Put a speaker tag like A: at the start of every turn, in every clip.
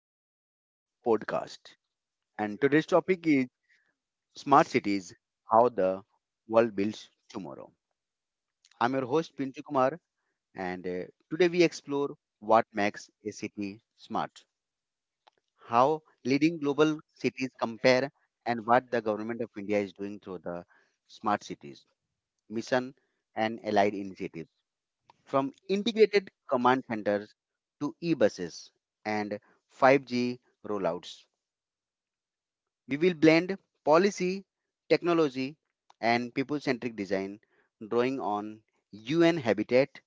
A: and welcome to podcast. And today's topic is smart cities: how the world builds tomorrow. I'm your host Pintu Kumar, and today we explore what makes a city smart, how leading global cities compare, and what the government of India is doing through the smart cities mission and allied initiatives, from integrated command centers to e-buses and 5G rollouts. We will blend policy, technology, and people centric design, drawing on UN Habitat,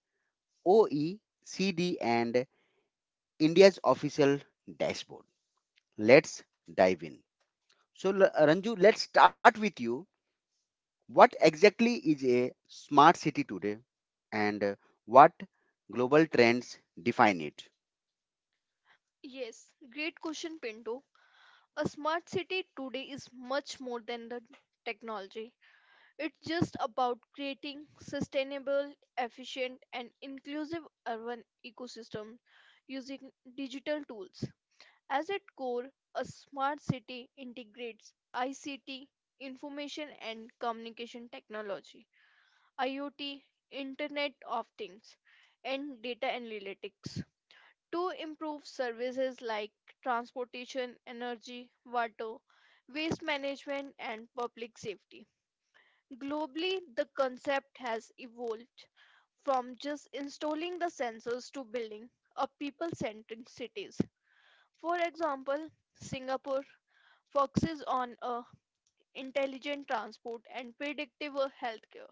A: OECD, and India's official dashboard. Let's dive in. So, Ranju, let's start with you. What exactly is a smart city today, and what global trends define it?
B: Yes, great question, Pinto. A smart city today is much more than the technology. It's just about creating sustainable, efficient, and inclusive urban ecosystem using digital tools. As its core, a smart city integrates ICT, information and communication technology, IoT, Internet of Things, and data analytics to improve services like transportation, energy, water, waste management, and public safety. Globally, the concept has evolved from just installing the sensors to building a people centric cities. For example, Singapore focuses on a intelligent transport and predictable healthcare.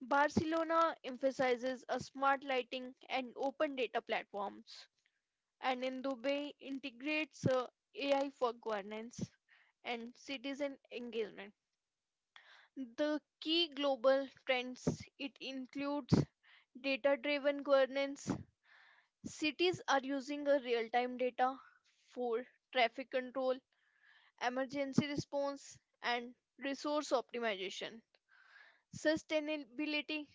B: Barcelona emphasizes a smart lighting and open data platforms. And in Dubai integrates AI for governance and citizen engagement. The key global trends it includes data-driven governance. Cities are using a real-time data for traffic control, emergency response, and resource optimization. Sustainability,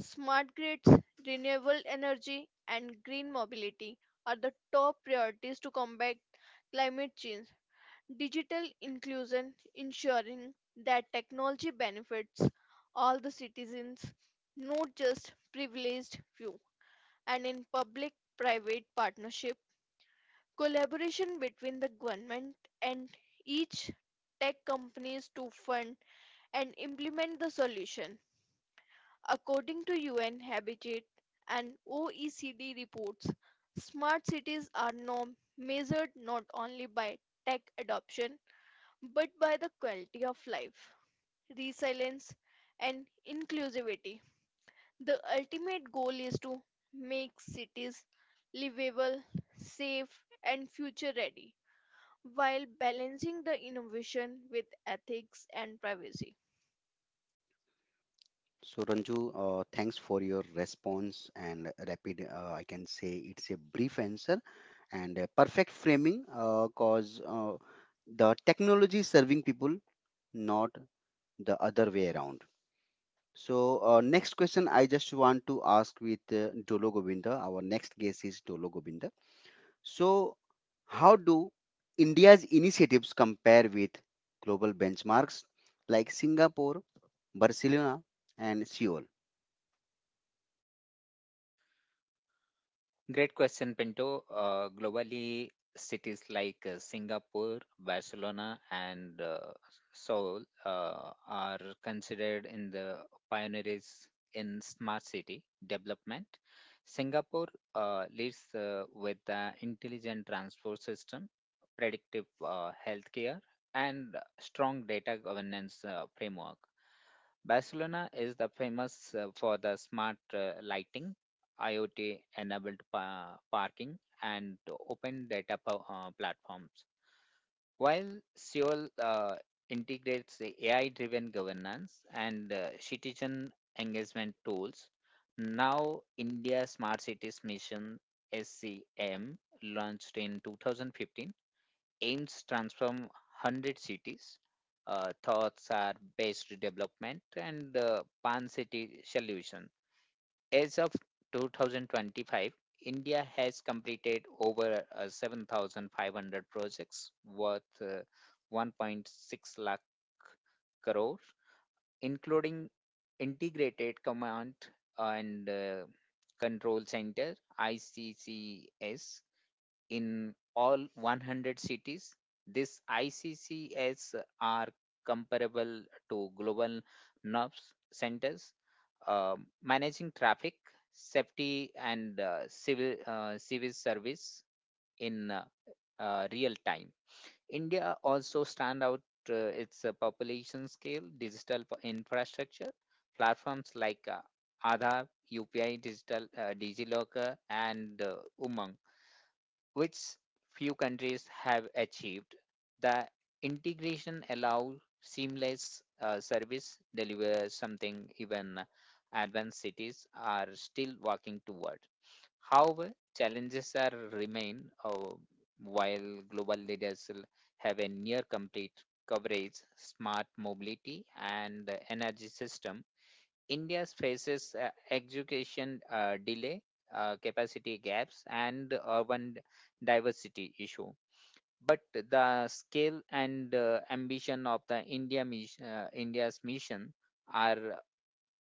B: smart grids, renewable energy, and green mobility are the top priorities to combat climate change. Digital inclusion, ensuring that technology benefits all the citizens, not just privileged few. And in public private partnership, collaboration between the government and each tech companies to fund and implement the solution. According to UN Habitat and OECD reports, smart cities are now measured not only by tech adoption but by the quality of life, resilience, and inclusivity. The ultimate goal is to make cities livable, safe, and future ready while balancing the innovation with ethics and privacy.
A: So Ranju, thanks for your response and rapid. I can say it's a brief answer and a perfect framing, cause the technology is serving people, not the other way around. So next question, I just want to ask with Dolo Govinda. Our next guest is Dolo Govinda. So how do India's initiatives compare with global benchmarks like Singapore, Barcelona, and Seoul?
C: Great question, Pinto. Globally, cities like Singapore, Barcelona, and Seoul are considered in the pioneers in smart city development. Singapore leads with the intelligent transport system, predictive healthcare, and strong data governance framework. Barcelona is the famous for the smart lighting, IoT enabled parking, and open data platforms. While Seoul integrates the AI driven governance and citizen engagement tools. Now India Smart Cities Mission SCM launched in 2015 aims transform 100 cities. Thoughts are based development and pan city solutions. As of 2025, India has completed over 7,500 projects worth 1.6 lakh crore, including Integrated Command and Control Center (ICCS) in all 100 cities. These ICCS are comparable to global NURBS centers, managing traffic, safety, and civil service in real time. India also stand out its population scale, digital infrastructure, platforms like Aadhaar, UPI, digital DigiLocker, and Umang, which few countries have achieved. The integration allows seamless service deliver, something even advanced cities are still working toward. However, challenges are remain. While global leaders will have a near complete coverage, smart mobility and energy system, India faces education delay, capacity gaps, and urban diversity issue. But the scale and ambition of the India's mission are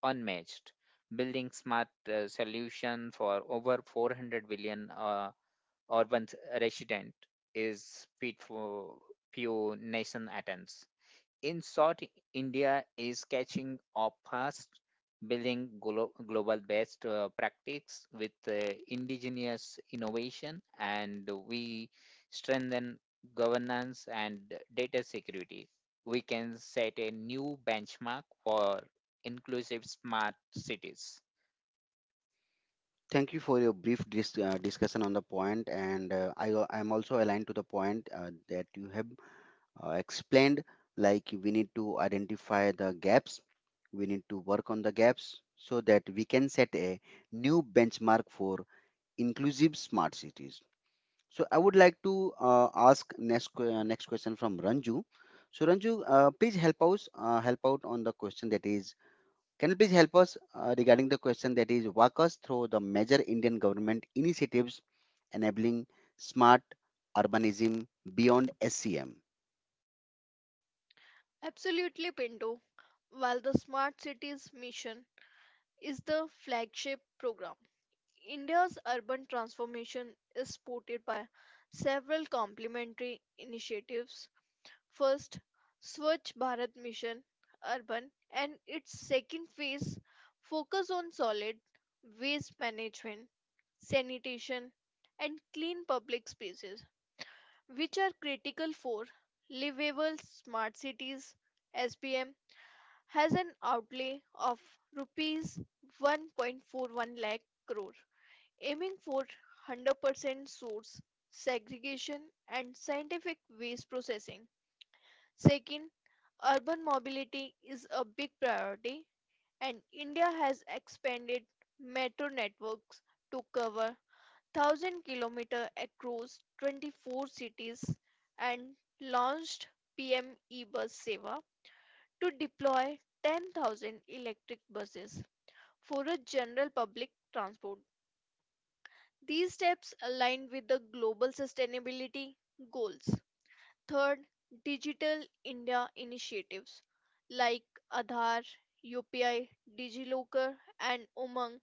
C: unmatched, building smart solution for over 400 billion urban resident is fit for few nation attends. In short, India is catching up fast, building global best practice with indigenous innovation, and we strengthen governance and data security. We can set a new benchmark for inclusive smart cities.
A: Thank you for your brief discussion on the point, and I am also aligned to the point that you have explained. Like we need to identify the gaps, we need to work on the gaps so that we can set a new benchmark for inclusive smart cities. So I would like to ask next question from Ranju. So Ranju, please help us help out on the question that is can you please help us regarding the question that is walk us through the major Indian government initiatives enabling smart urbanism beyond SCM?
B: Absolutely, Pinto. While the Smart Cities mission is the flagship program, India's urban transformation is supported by several complementary initiatives. First, Swachh Bharat Mission Urban and its second phase focus on solid waste management, sanitation and clean public spaces which are critical for livable smart cities. SBM has an outlay of rupees 1.41 lakh crore aiming for 100% source segregation and scientific waste processing. Second, urban mobility is a big priority, and India has expanded metro networks to cover 1,000 km across 24 cities and launched PM e-bus Seva to deploy 10,000 electric buses for a general public transport. These steps align with the global sustainability goals. Third, Digital India initiatives like Aadhaar, UPI, DigiLocker, and Umang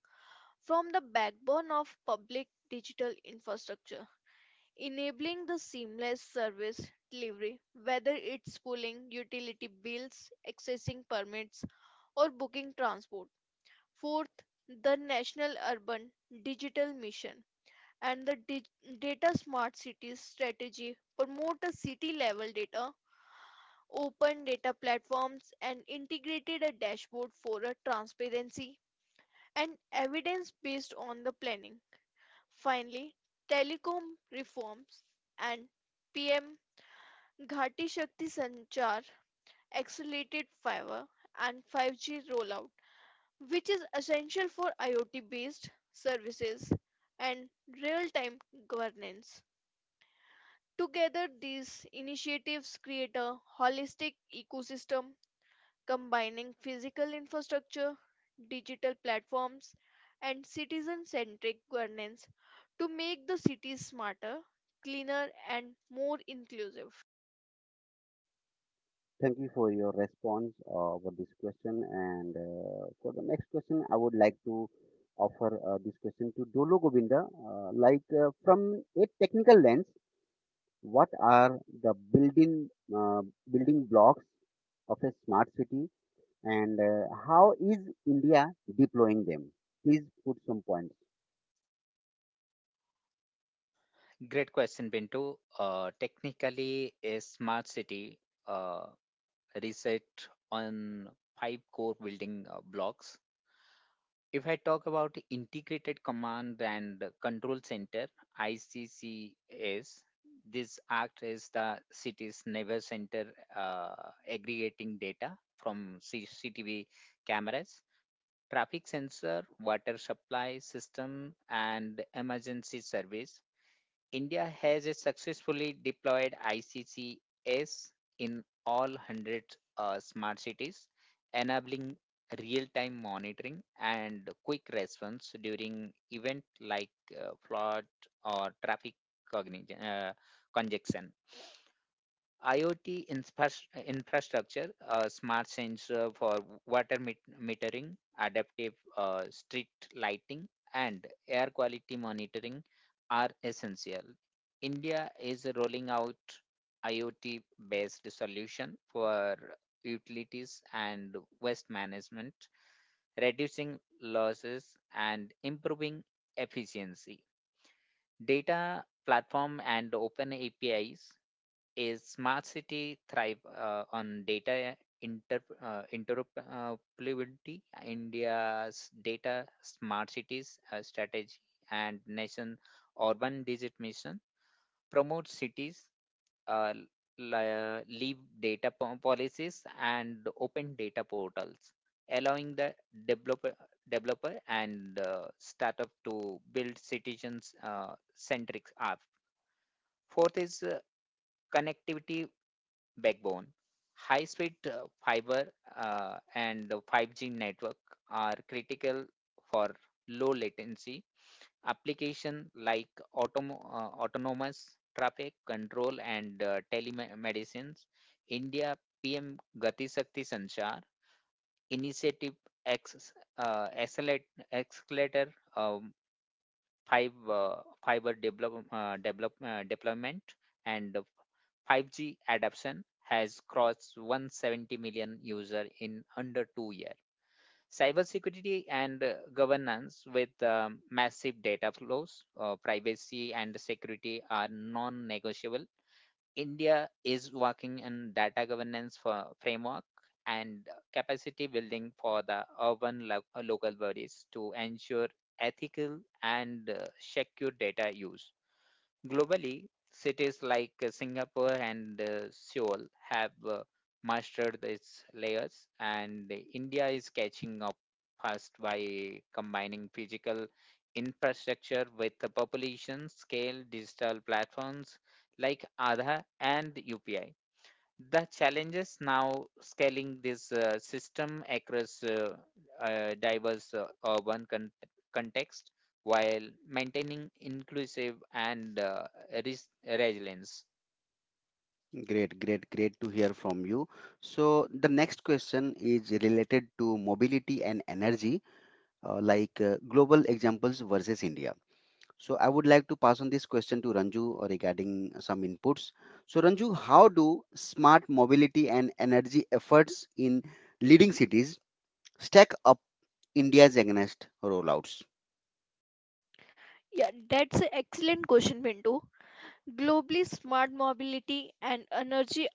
B: form the backbone of public digital infrastructure, enabling the seamless service delivery, whether it's pulling utility bills, accessing permits, or booking transport. Fourth, the National Urban Digital Mission and the Data Smart Cities strategy promote a city level data open data platforms, and integrated a dashboard for a transparency and evidence based on the planning. Finally, telecom reforms and PM Ghati Shakti Sanchar accelerated fiber and 5G rollout, which is essential for IoT based services and real time governance. Together, these initiatives create a holistic ecosystem combining physical infrastructure, digital platforms, and citizen centric governance to make the cities smarter, cleaner, and more inclusive.
A: Thank you for your response for this question. And for the next question, I would like to offer this question to Dolo Govinda. Like from a technical lens, what are the uh, building blocks of a smart city and how is India deploying them? Please put some points.
C: Great question, Bintu. Technically, a smart city uh, reset on five core building blocks. If I talk about integrated command and control center (ICCS), this act is the city's neighbor center, aggregating data from CCTV cameras, traffic sensor, water supply system, and emergency service. India has successfully deployed ICCS in all 100 smart cities, enabling real time monitoring and quick response during event like flood or traffic cognition, uh, congestion. IoT infrastructure, smart sensor for water metering, adaptive street lighting, and air quality monitoring are essential. India is rolling out IoT based solution for utilities and waste management, reducing losses and improving efficiency. Data platform and open APIs, is smart city thrive on data interoperability. India's data smart cities strategy and nation urban digit mission promote cities uh, leave data policies and open data portals allowing the developer developer and startup to build citizens centric app. Fourth is connectivity backbone. High speed fiber and the 5G network are critical for low latency application like autonomous traffic control and telemedicines. India PM Gati Shakti Sanchar initiative acc- accelerator um, five fiber deployment and 5G adoption has crossed 170 million user in under 2 years. Cybersecurity and governance, with massive data flows, privacy and security are non-negotiable. India is working in data governance for framework and capacity building for the urban local bodies to ensure ethical and secure data use. Globally, cities like Singapore and Seoul have mastered these layers, and India is catching up fast by combining physical infrastructure with the population scale digital platforms like Aadha and UPI. The challenges now scaling this system across diverse urban context while maintaining inclusive and resilience.
A: Great, great, great to hear from you. So, the next question is related to mobility and energy, like global examples versus India. So, I would like to pass on this question to Ranju regarding some inputs. So, Ranju, how do smart mobility and energy efforts in leading cities stack up India's against rollouts?
B: Yeah, that's an excellent question, Bindu. Globally, smart mobility and energy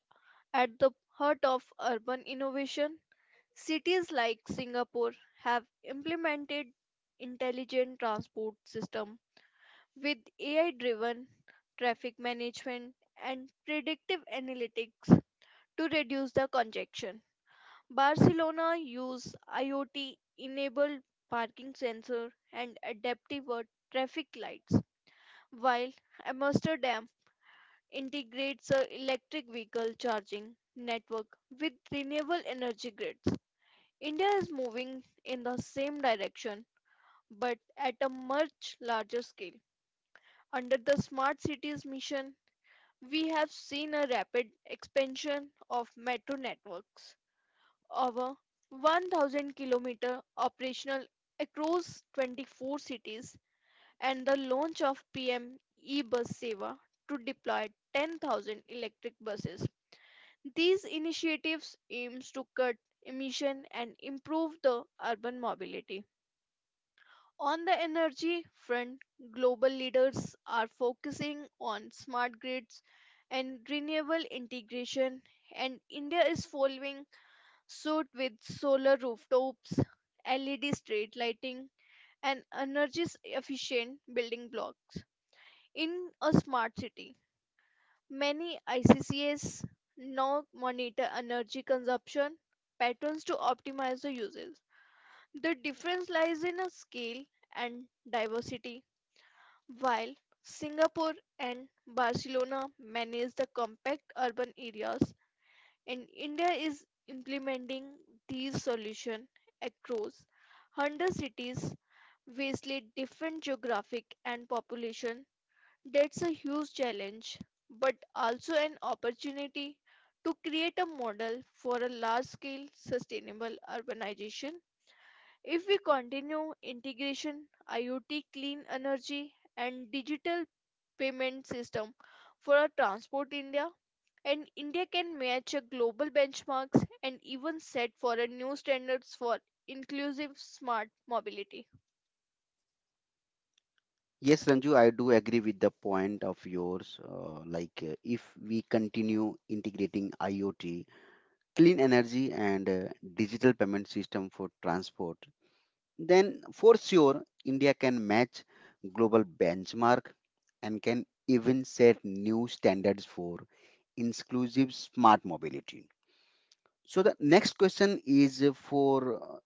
B: at the heart of urban innovation. Cities like Singapore have implemented intelligent transport system with AI driven traffic management and predictive analytics to reduce the congestion. Barcelona use IoT enabled parking sensor and adaptive traffic lights, while Amsterdam integrates a electric vehicle charging network with renewable energy grids. India is moving in the same direction but at a much larger scale under the Smart Cities mission. We have seen a rapid expansion of metro networks. Over 1,000 km operational across 24 cities and the launch of PM e-bus Seva to deploy 10,000 electric buses. These initiatives aims to cut emission and improve the urban mobility. On the energy front, global leaders are focusing on smart grids and renewable integration, and India is following suit with solar rooftops, LED street lighting, and energy efficient building blocks. In a smart city, many ICCS now monitor energy consumption patterns to optimize the uses. The difference lies in a scale and diversity. While Singapore and Barcelona manage the compact urban areas, and India is implementing these solutions across 100 cities, vastly different geographic and population. That's a huge challenge, but also an opportunity to create a model for a large-scale sustainable urbanization. If we continue integration, IoT, clean energy, and digital payment system for our transport India, and India can match a global benchmarks and even set for a new standards for inclusive smart mobility.
A: Yes, Ranju, I do agree with the point of yours. Like, if we continue integrating IoT, clean energy, and digital payment system for transport, then for sure India can match global benchmark and can even set new standards for inclusive smart mobility. So the next question is for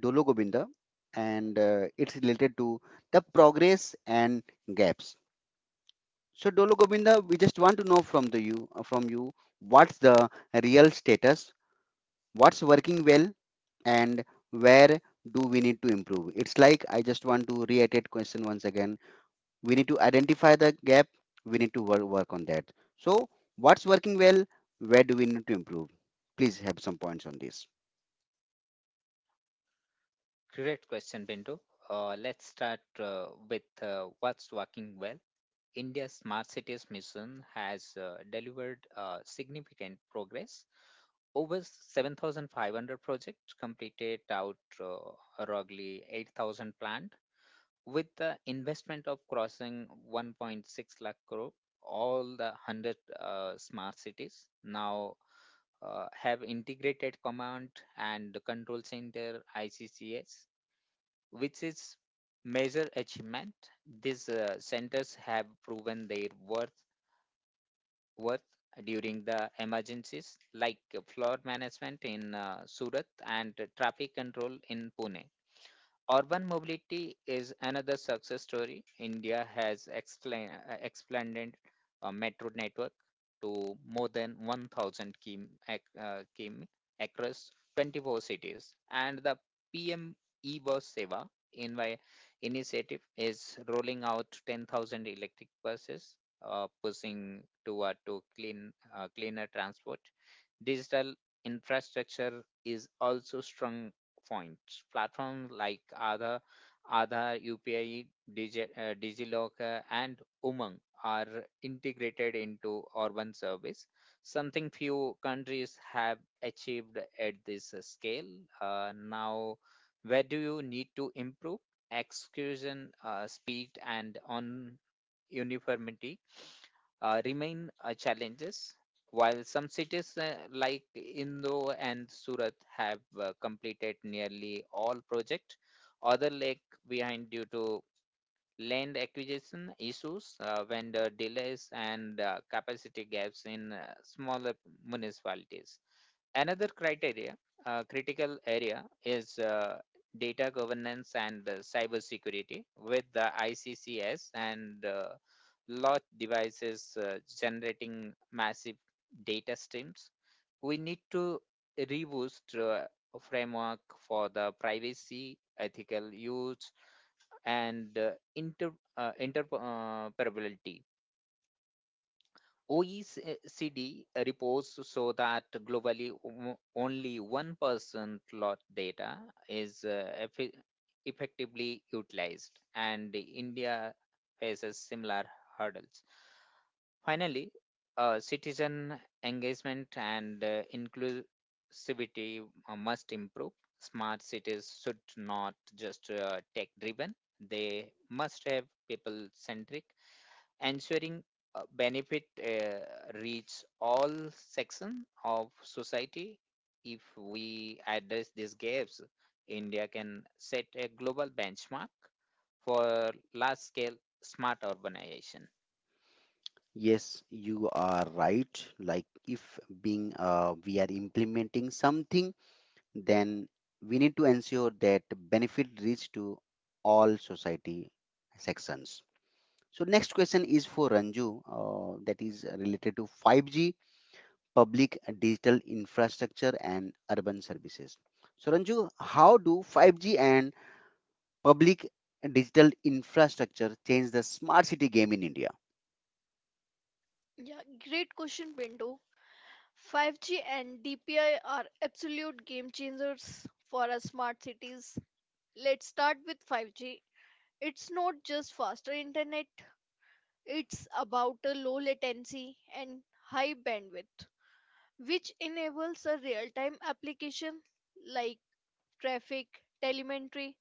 A: Dolo Govinda, and it's related to the progress and gaps. So Dolo Govinda, we just want to know from the you from you what's the real status, what's working well, and where do we need to improve? It's like I just want to reiterate question once again. We need to identify the gap. We need to work on that. So what's working well? Where do we need to improve? Please have some points on this.
C: Great question, Pinto. Let's start with what's working well. India's Smart Cities mission has delivered significant progress. Over 7,500 projects completed out roughly 8,000 planned. With the investment of crossing 1.6 lakh crore, all the 100 smart cities now have integrated command and control center ICCS, which is major achievement. These centers have proven their worth during the emergencies like flood management in Surat and traffic control in Pune. Urban mobility is another success story. India has expanded a metro network to more than 1,000 km, across 24 cities, and the PM e-bus Seva invi- initiative is rolling out 10,000 electric buses, pushing toward to clean cleaner transport. Digital infrastructure is also strong points. Platforms like Aadhaar, Aadhaar UPI, DigiLocker, and Umang are integrated into urban service, something few countries have achieved at this scale. Now, where do you need to improve? Execution, speed, and on uniformity remain challenges. While some cities like Indore and Surat have completed nearly all project, other lag behind due to land acquisition issues, vendor delays, and capacity gaps in smaller municipalities. Another critical area, is data governance and cyber security. With the ICCS and large devices generating massive data streams. We need to reboost a framework for the privacy, ethical use, and interoperability. OECD reports show that globally only 1% lot data is effectively utilized, and India faces similar hurdles. Finally, citizen engagement and inclusivity must improve. Smart cities should not just tech driven, they must have people centric, ensuring benefit reach all sections of society. If we address these gaps, India can set a global benchmark for large scale smart urbanization.
A: Yes, you are right. Like if being we are implementing something, then we need to ensure that benefit reach to all society sections. So next question is for Ranju, that is related to 5G, public digital infrastructure, and urban services. So Ranju, how do 5G and public digital infrastructure change the smart city game in India?
B: Yeah, great question, Bindu. 5G and DPI are absolute game changers for our smart cities. Let's start with 5G. It's not just faster internet, it's about a low latency and high bandwidth, which enables a real time application like traffic, telemetry,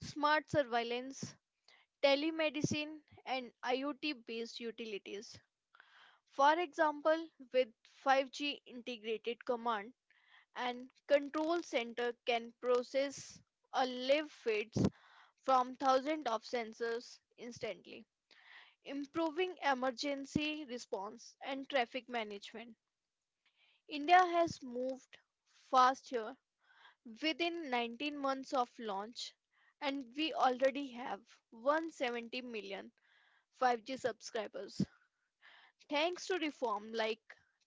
B: smart surveillance, telemedicine, and IoT based utilities. For example, with 5G integrated command and control center can process a live feeds from thousands of sensors instantly, improving emergency response and traffic management. India has moved fast here within 19 months of launch, and we already have one hundred seventy million five 5G subscribers. Thanks to reform like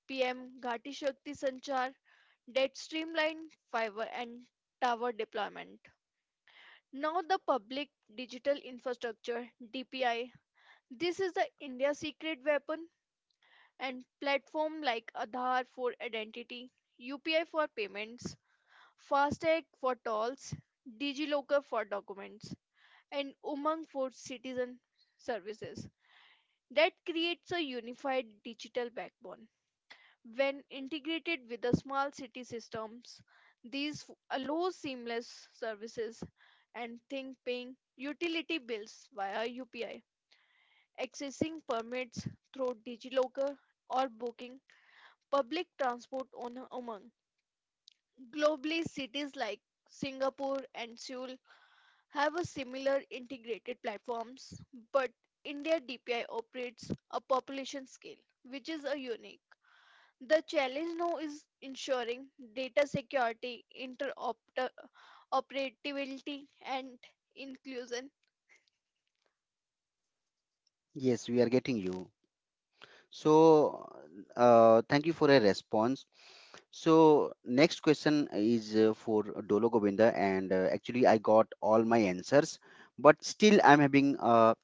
B: PM Ghati Shakti Sanchar that streamlined fiber and tower deployment. Now the public digital infrastructure DPI. This is the India secret weapon and platform like Aadhaar for identity, UPI for payments, FASTag for tolls, DigiLocker for documents, and Umang for citizen services. That creates a unified digital backbone. When integrated with the small city systems, allow seamless services and think paying utility bills via UPI, accessing permits through DigiLocker or booking public transport on Umang. Globally, cities like Singapore and Seoul have a similar integrated platforms, but India DPI operates a population scale, which is a unique. The challenge now is ensuring data security, interoperability, and inclusion.
A: Yes, we are getting you. So thank you for a response. So next question is for Dolo Govinda, and actually I got all my answers, but still I'm having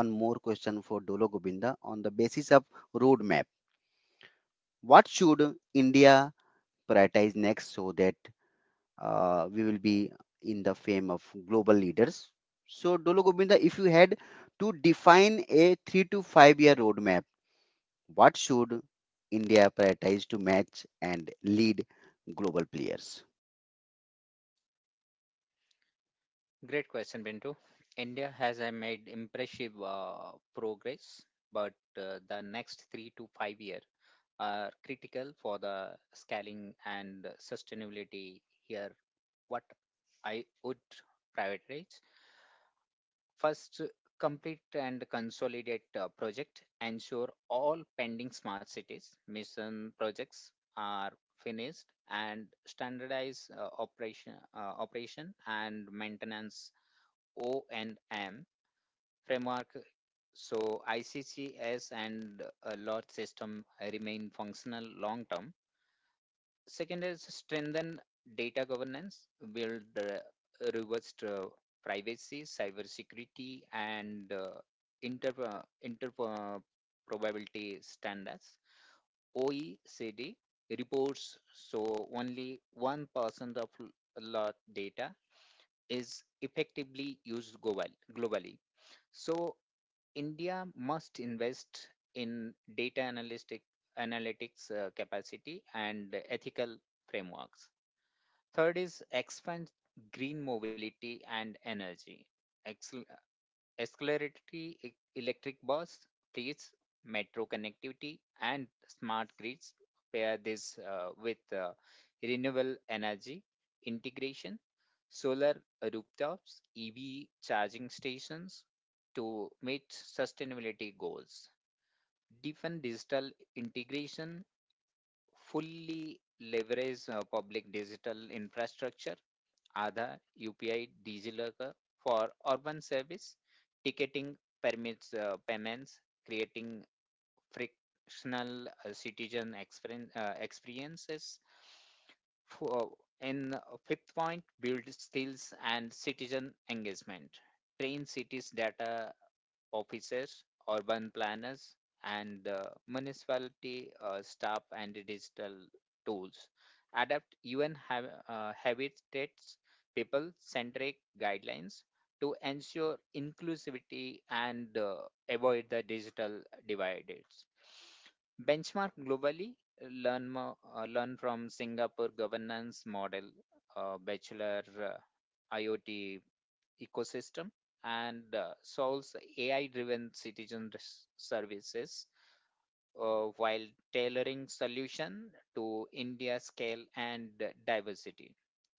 A: one more question for Dolo Govinda on the basis of roadmap. What should India prioritize next so that we will be in the fame of global leaders? So Dolo Govinda, if you had to define a 3 to 5 year roadmap, what should India prioritize to match and lead global players?
C: Great question, Bintu. India has made impressive progress, but the next 3 to 5 year are critical for the scaling and sustainability. Here, what I would prioritize first, complete and consolidate project, ensure all pending smart cities mission projects are finished, and standardize operation and maintenance O&M framework, so ICCS and a lot system remain functional long term. Second is strengthen data governance, build the reverse privacy, cybersecurity and inter inter probability standards. OECD reports so only 1% of lot data is effectively used globally. So India must invest in data analytics capacity and ethical frameworks. Third is expand green mobility and energy. Accelerate electric bus, its metro connectivity, and smart grids. Pair this with renewable energy integration, solar rooftops, EV charging stations, to meet sustainability goals. Deepen digital integration, fully leverage public digital infrastructure, Aadhaar, UPI, DigiLocker for urban service, ticketing, permits, payments, creating frictional citizen experiences. For In fifth point, build skills and citizen engagement. Train cities data offices, urban planners, and municipality staff and digital tools. Adapt UN habitats people centric guidelines to ensure inclusivity and avoid the digital divides. Benchmark globally, learn from Singapore governance model, Bachelor IoT ecosystem and solves AI driven citizen services while tailoring solution to India scale and diversity.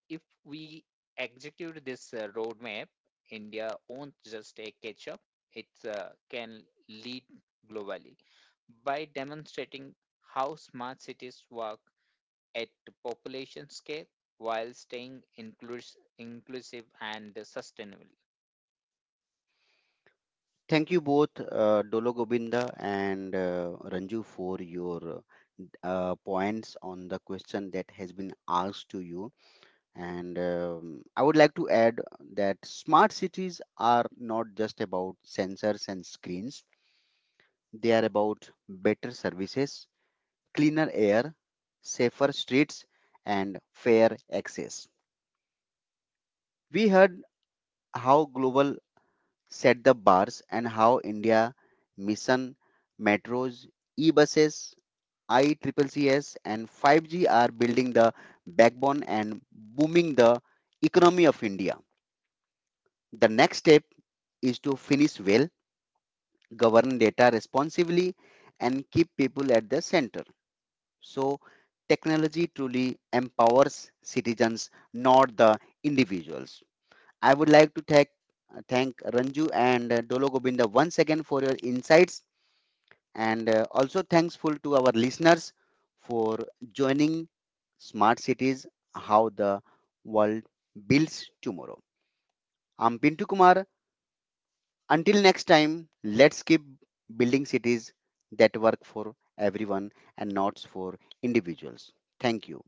C: If we execute this roadmap, India won't just a catch up, it can lead globally by demonstrating how smart cities work at population scale while staying inclusive and sustainable.
A: Thank you both, Dolo Gobinda and Ranju, for your points on the question that has been asked to you. And I would like to add that smart cities are not just about sensors and screens, they are about better services, cleaner air, safer streets, and fair access. We heard how global set the bars and how India Mission, metros, e-buses, I I-Triple-Cs, and 5G are building the backbone and booming the economy of India. The next step is to finish well, govern data responsibly, and keep people at the center. So technology truly empowers citizens, not the individuals. I would like to thank Ranju and Dolo Gobinda once again for your insights, and also thankful to our listeners for joining Smart Cities: How the World Builds Tomorrow. I'm Pintu Kumar. Until next time, let's keep building cities that work for everyone and not for individuals. Thank you.